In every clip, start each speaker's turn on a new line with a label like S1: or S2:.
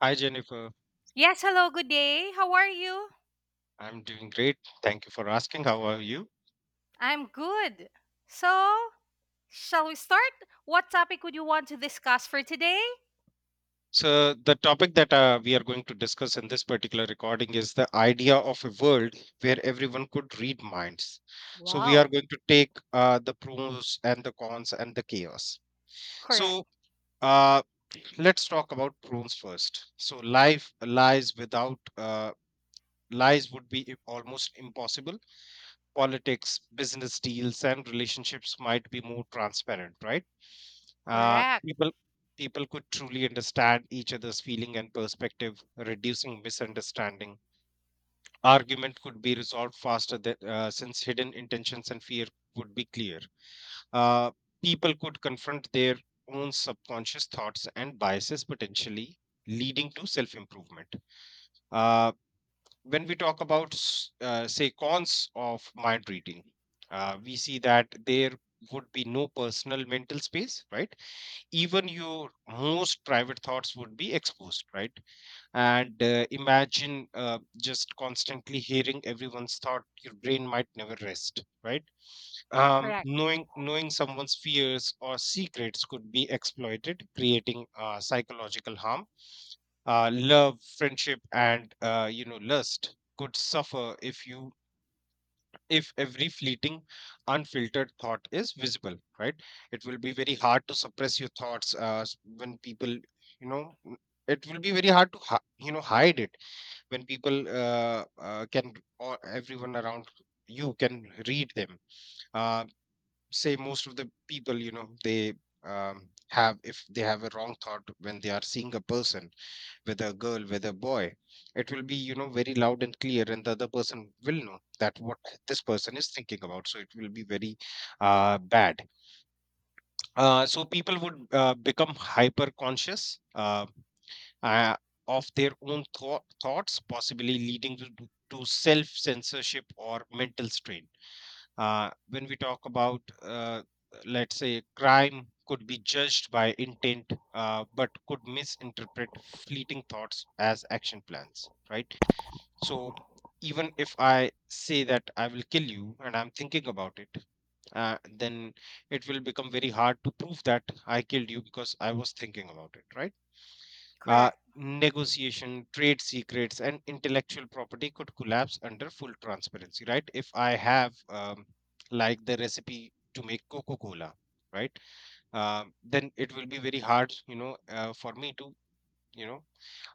S1: Hi, Jennifer.
S2: Yes, hello, good day. How are you?
S1: I'm doing great. Thank you for asking. How are you?
S2: I'm good. So, shall we start? What topic would you want to discuss for today?
S1: So, the topic that we are going to discuss in this particular recording is the idea of a world where everyone could read minds. So, we are
S2: Wow.
S1: going to take the pros and the cons and the chaos.
S2: Correct.
S1: So, uh, let's talk about pros first. So, life lies without lies would be almost impossible. Politics, business deals, and relationships might be more transparent, right? Uh,
S2: Correct.
S1: people people could truly understand each other's feeling and perspective, reducing misunderstanding. Argument could be resolved faster than, since hidden intentions and fear would be clear. Uh, People could confront their own subconscious thoughts and biases, potentially leading to self improvement. Uh, when we talk about, say, cons of mind reading, we see that there would be no personal mental space, right? Even your most private thoughts would be exposed, right? And imagine just constantly hearing everyone's thought, your brain might never rest, right? um,
S2: Correct.
S1: knowing knowing someone's fears or secrets could be exploited, creating psychological harm. Love, friendship and lust could suffer if you, if every fleeting unfiltered thought is visible, right? It will be very hard to suppress your thoughts when people. It will be very hard to hide it when people can, or everyone around you, can read them. uh, Say most of the people, they, have, if they have a wrong thought when they are seeing a person, whether a girl, whether a boy, it will be, very loud and clear, and the other person will know that what this person is thinking about. So it will be very bad. So people would become hyper conscious, uh, of their own thoughts, possibly leading to self censorship or mental strain. When we talk about, let's say crime could be judged by intent, but could misinterpret fleeting thoughts as action plans, right? So even if I say that I will kill you and I'm thinking about it, then it will become very hard to prove that I killed you because I was thinking about it, right? uh,
S2: Correct.
S1: Negotiation, trade secrets, and intellectual property could collapse under full transparency, right? If I have, like, the recipe to make Coca Cola, right? Then it will be very hard, for me to, you know,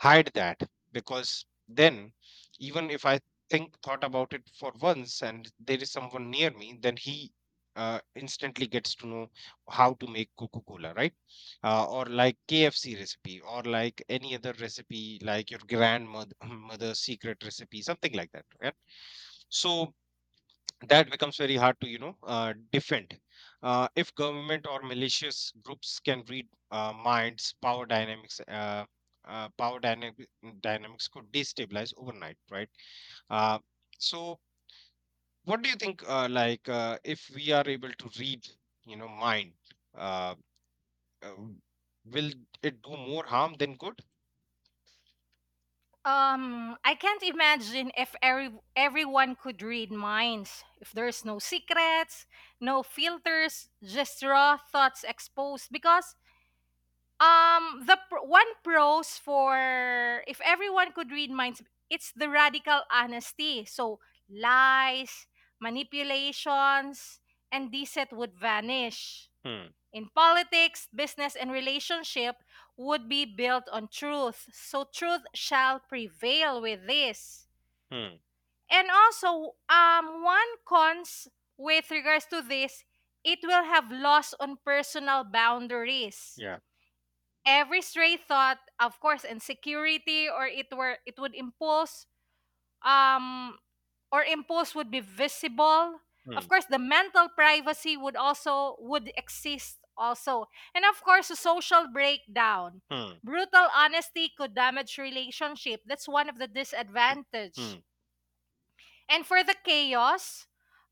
S1: hide that, because then even if I think thought about it for once and there is someone near me, then he instantly gets to know how to make Coca Cola, right? Or like KFC recipe, or like any other recipe like your grandmother mother's secret recipe, something like that, right? So that becomes very hard to defend. If government or malicious groups can read minds, power dynamics could destabilize overnight, right? uh, so what do you think, if we are able to read, mind, uh, uh, will it do more harm than good?
S2: I can't imagine if everyone could read minds. If there's no secrets, no filters, just raw thoughts exposed because one pros for if everyone could read minds, it's the radical honesty. So lies, manipulations, and deceit would vanish.
S1: Hmm.
S2: In politics, business, and relationship would be built on truth. So truth shall prevail with this.
S1: Hmm.
S2: And also, one cons with regards to this, it will have loss on personal boundaries.
S1: Yeah.
S2: Every stray thought, of course, insecurity or it would impose, um or impose, would be visible. Of
S1: Hmm.
S2: course the mental privacy would also would exist also, and of course the social breakdown.
S1: Hmm.
S2: Brutal honesty could damage relationship. That's one of the disadvantage.
S1: Hmm.
S2: And for the chaos,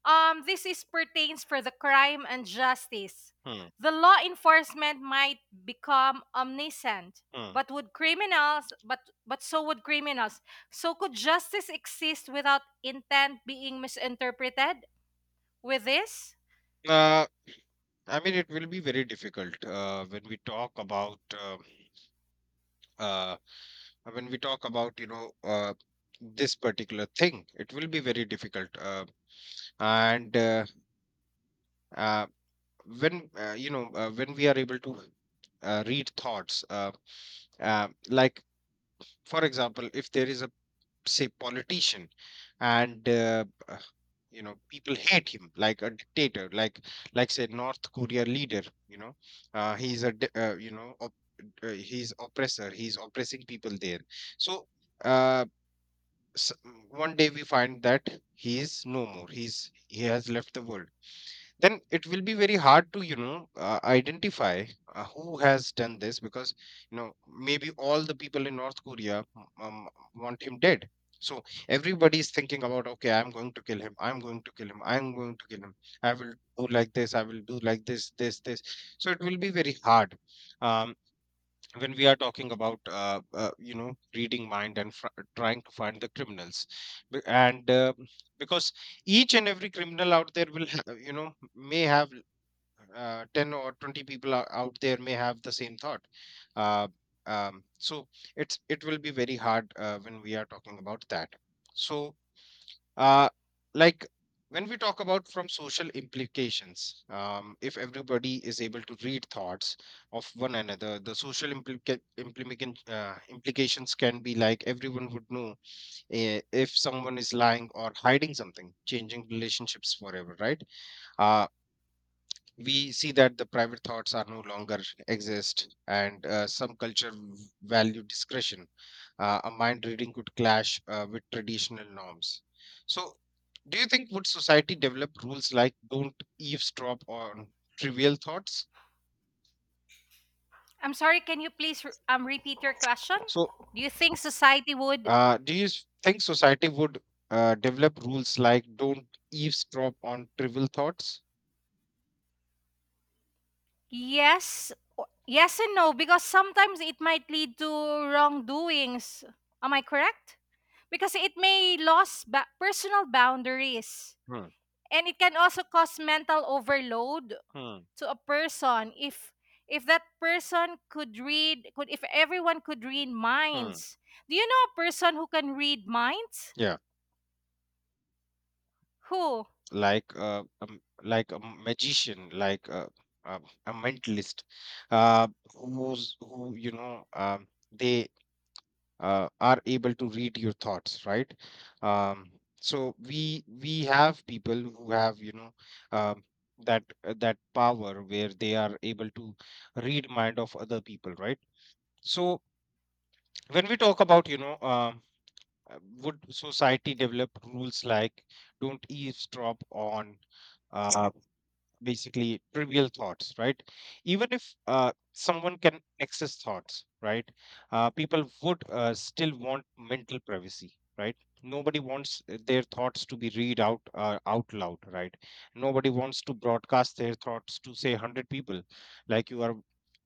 S2: this is pertains for the crime and justice.
S1: Hmm. Hmm.
S2: The law enforcement might become omniscient,
S1: Hmm.
S2: but would criminals, but but so would criminals. So could justice exist without intent being misinterpreted? With this,
S1: Uh, I mean, it will be very difficult when we talk about, uh, when we talk about, this particular thing. It will be very difficult, and uh, when, when we are able to read thoughts, like for example, if there is say politician, and you know, people hate him like a dictator, like say North Korea leader, you know, he's a di- you know op- he's oppressor, he's oppressing people there. So, uh, s- one day we find that he is no more, he's, he has left the world. Then it will be very hard to identify who has done this, because you know, maybe all the people in North Korea um, want him dead. So everybody is thinking about, okay, I'm going to kill him, I'm going to kill him, I'm going to kill him, I will do like this, I will do like this, this, this. So it will be very hard um, when we are talking about you know, reading mind and trying to find the criminals. And because each and every criminal out there will you know, may have 10 or 20 people out there may have the same thought. uh, so it will be very hard when we are talking about that. So uh, like when we talk about from social implications, if everybody is able to read thoughts of one another, the social implication, implications can be like, everyone would know if someone is lying or hiding something, changing relationships forever, right? uh, we see that the private thoughts are no longer exist, and some culture value discretion. A mind reading could clash with traditional norms. So do you think would society develop rules like don't eavesdrop on trivial thoughts?
S2: I'm sorry. Can you please repeat your question?
S1: So
S2: Do you think society would?
S1: do you think society would develop rules like don't eavesdrop on trivial thoughts?
S2: Yes, yes and no, because sometimes it might lead to wrongdoings. Am I correct? Because it may lose personal boundaries,
S1: Hmm.
S2: and it can also cause mental overload
S1: Hmm.
S2: to a person if that person could read could if everyone could read
S1: Hmm.
S2: minds. Do you know a person who can read minds?
S1: Yeah,
S2: Who?
S1: like a magician, like uh, a mentalist, uh, who's who, they are able to read your thoughts, right? um, so we have people who have, um, that that power, where they are able to read mind of other people, right? So when we talk about, would society develop rules like don't eavesdrop on, uh, basically, trivial thoughts, right? Even if someone can access thoughts, right, people would still want mental privacy, right? Nobody wants their thoughts to be read out out loud, right? Nobody wants to broadcast their thoughts to say 100 people. Like you are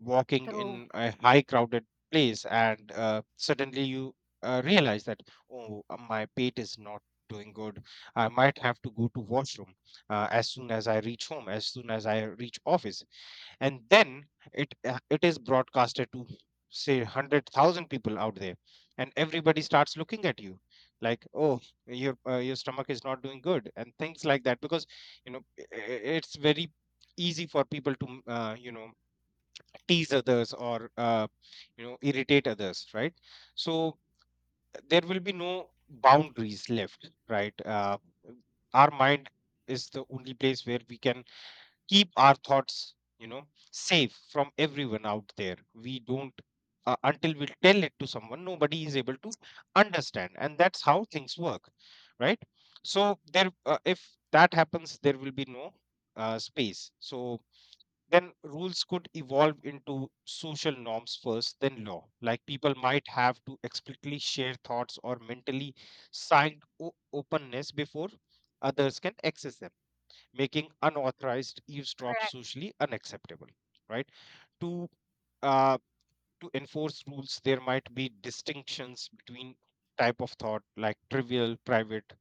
S1: walking
S2: True.
S1: in a high crowded place, and suddenly you realize that, oh, my pate is not doing good, I might have to go to washroom as soon as I reach home, as soon as I reach office, and then it it is broadcasted to say 100,000 people out there, and everybody starts looking at you like, oh, your stomach is not doing good, and things like that. Because you know, it's very easy for people to tease others or irritate others, right? So there will be no boundaries left, right? Our mind is the only place where we can keep our thoughts, safe from everyone out there. We don't, until we tell it to someone, nobody is able to understand, and that's how things work, right? So there, if that happens there will be no space. So then rules could evolve into social norms first, then law. Like people might have to explicitly share thoughts or mentally signed openness before others can access them, making unauthorized eavesdrop
S2: Correct.
S1: socially unacceptable, right? To, uh, to enforce rules there might be distinctions between type of thought, like trivial private,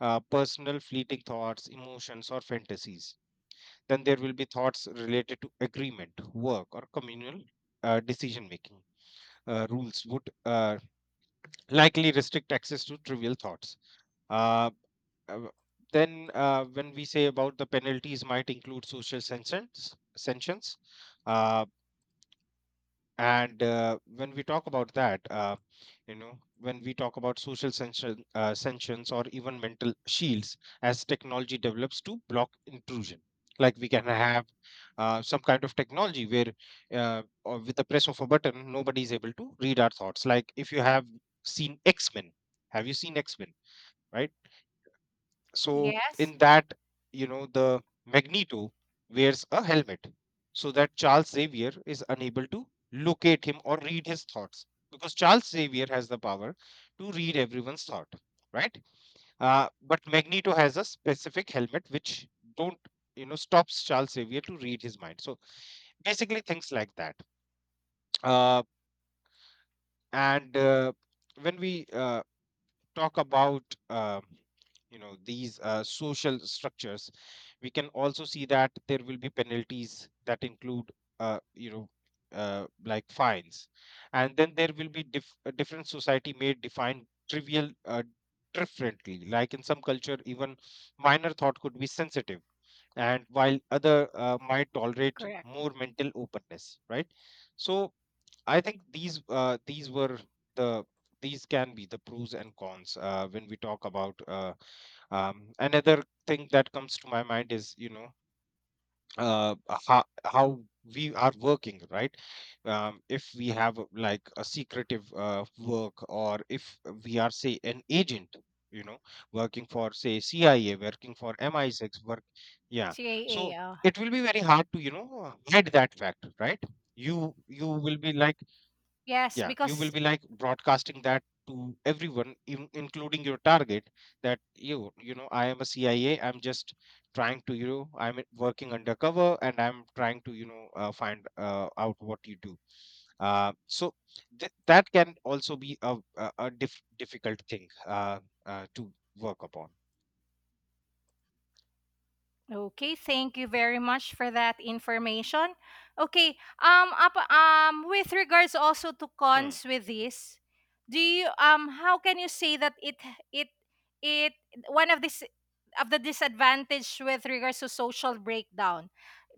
S1: personal fleeting thoughts, emotions or fantasies. Then there will be thoughts related to agreement, work or communal decision making. Rules would likely restrict access to trivial thoughts. Uh, uh, then When we say about, the penalties might include social sanctions. uh, and when we talk about that, when we talk about social sanctions, or even mental shields as technology develops to block intrusion. Like we can have some kind of technology where, or with the press of a button nobody is able to read our thoughts. Like if you have seen X-Men, have you seen X-Men? Right? So
S2: Yes.
S1: in that, you know, the Magneto wears a helmet so that Charles Xavier is unable to locate him or read his thoughts, because Charles Xavier has the power to read everyone's thought, right? But Magneto has a specific helmet which don't, you know, stops Charles Xavier to read his mind. So basically things like that. Uh, and When we talk about uh, you know, these social structures, we can also see that there will be penalties that include, uh, you know like fines. And then there will be a different society may define trivial differently. Like in some culture, even minor thought could be sensitive, and while other might tolerate
S2: Correct.
S1: more mental openness, right? So I think these, these were the, these can be the pros and cons when we talk about. Another thing that comes to my mind is, you know, uh, how we are working, right? If we have, like, a secretive work, or if we are say an agent, you know, working for say CIA, working for MI6 work. Yeah. So
S2: CAA.
S1: it will be very hard to, you know, hide that fact, right? You will be like,
S2: Yes,
S1: yeah, you will
S2: because
S1: be like broadcasting that to everyone, in, including your target, that you know, I am a CIA, I'm just trying to, you know, I'm working undercover, and I'm trying to, you know, find out what you do. So that can also be a difficult thing to work upon.
S2: Okay, thank you very much for that information. Okay, with regards also to
S1: Hmm.
S2: cons with this, do you how can you say that it it one of this of the disadvantage with regards to social breakdown?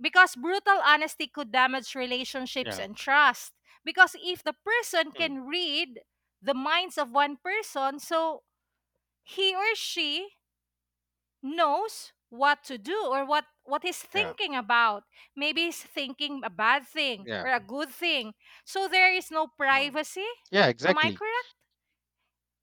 S2: Because brutal honesty could damage relationships
S1: Yeah.
S2: and trust. Because if the person
S1: Hmm.
S2: can read the minds of one person, so he or she knows what to do or what he's
S1: Yeah.
S2: thinking about. Maybe he's thinking a bad thing
S1: Yeah.
S2: or a good thing, so there is no
S1: Hmm.
S2: privacy.
S1: Yeah,
S2: Am I
S1: exactly.
S2: correct?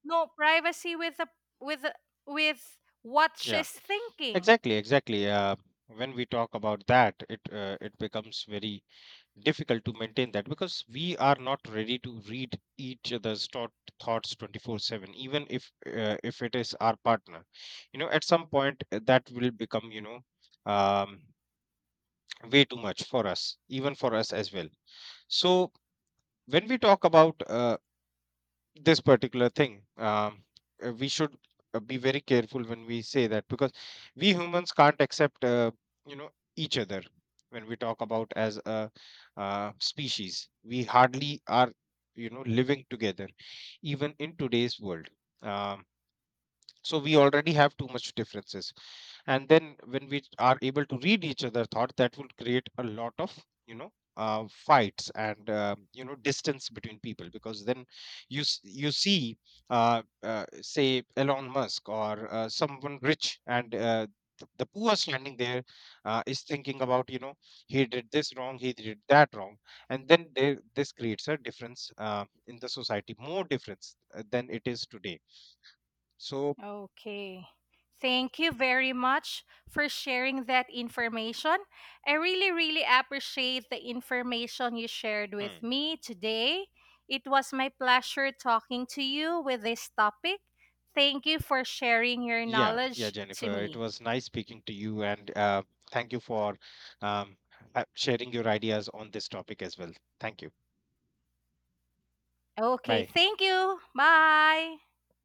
S2: No privacy with the with the- with what
S1: Yeah,
S2: she's thinking.
S1: exactly, exactly. When we talk about that, it it becomes very difficult to maintain that, because we are not ready to read each other's thoughts 24/7, even if it is our partner, you know, at some point that will become, you know, um, way too much for us, even for us as well. So when we talk about this particular thing, we should be very careful when we say that, because we humans can't accept, you know, each other, when we talk about as a species. We hardly are, you know, living together, even in today's world. Um, so we already have too much differences, and then when we are able to read each other thought, that would create a lot of, you know, fights, and distance between people. Because then you you see say Elon Musk or someone rich, and the poor standing there is thinking about, you know, he did this wrong, he did that wrong. And then there, this creates a difference in the society, more difference than it is today. So,
S2: Okay. Thank you very much for sharing that information. I really, really appreciate the information you shared
S1: hmm.
S2: with me today. It was my pleasure talking to you with this topic. Thank you for sharing your
S1: Yeah, yeah,
S2: knowledge to
S1: Jennifer. It
S2: me.
S1: was nice speaking to you, and thank you for um, sharing your ideas on this topic as well. Thank you.
S2: Okay,
S1: Bye.
S2: thank you. Bye.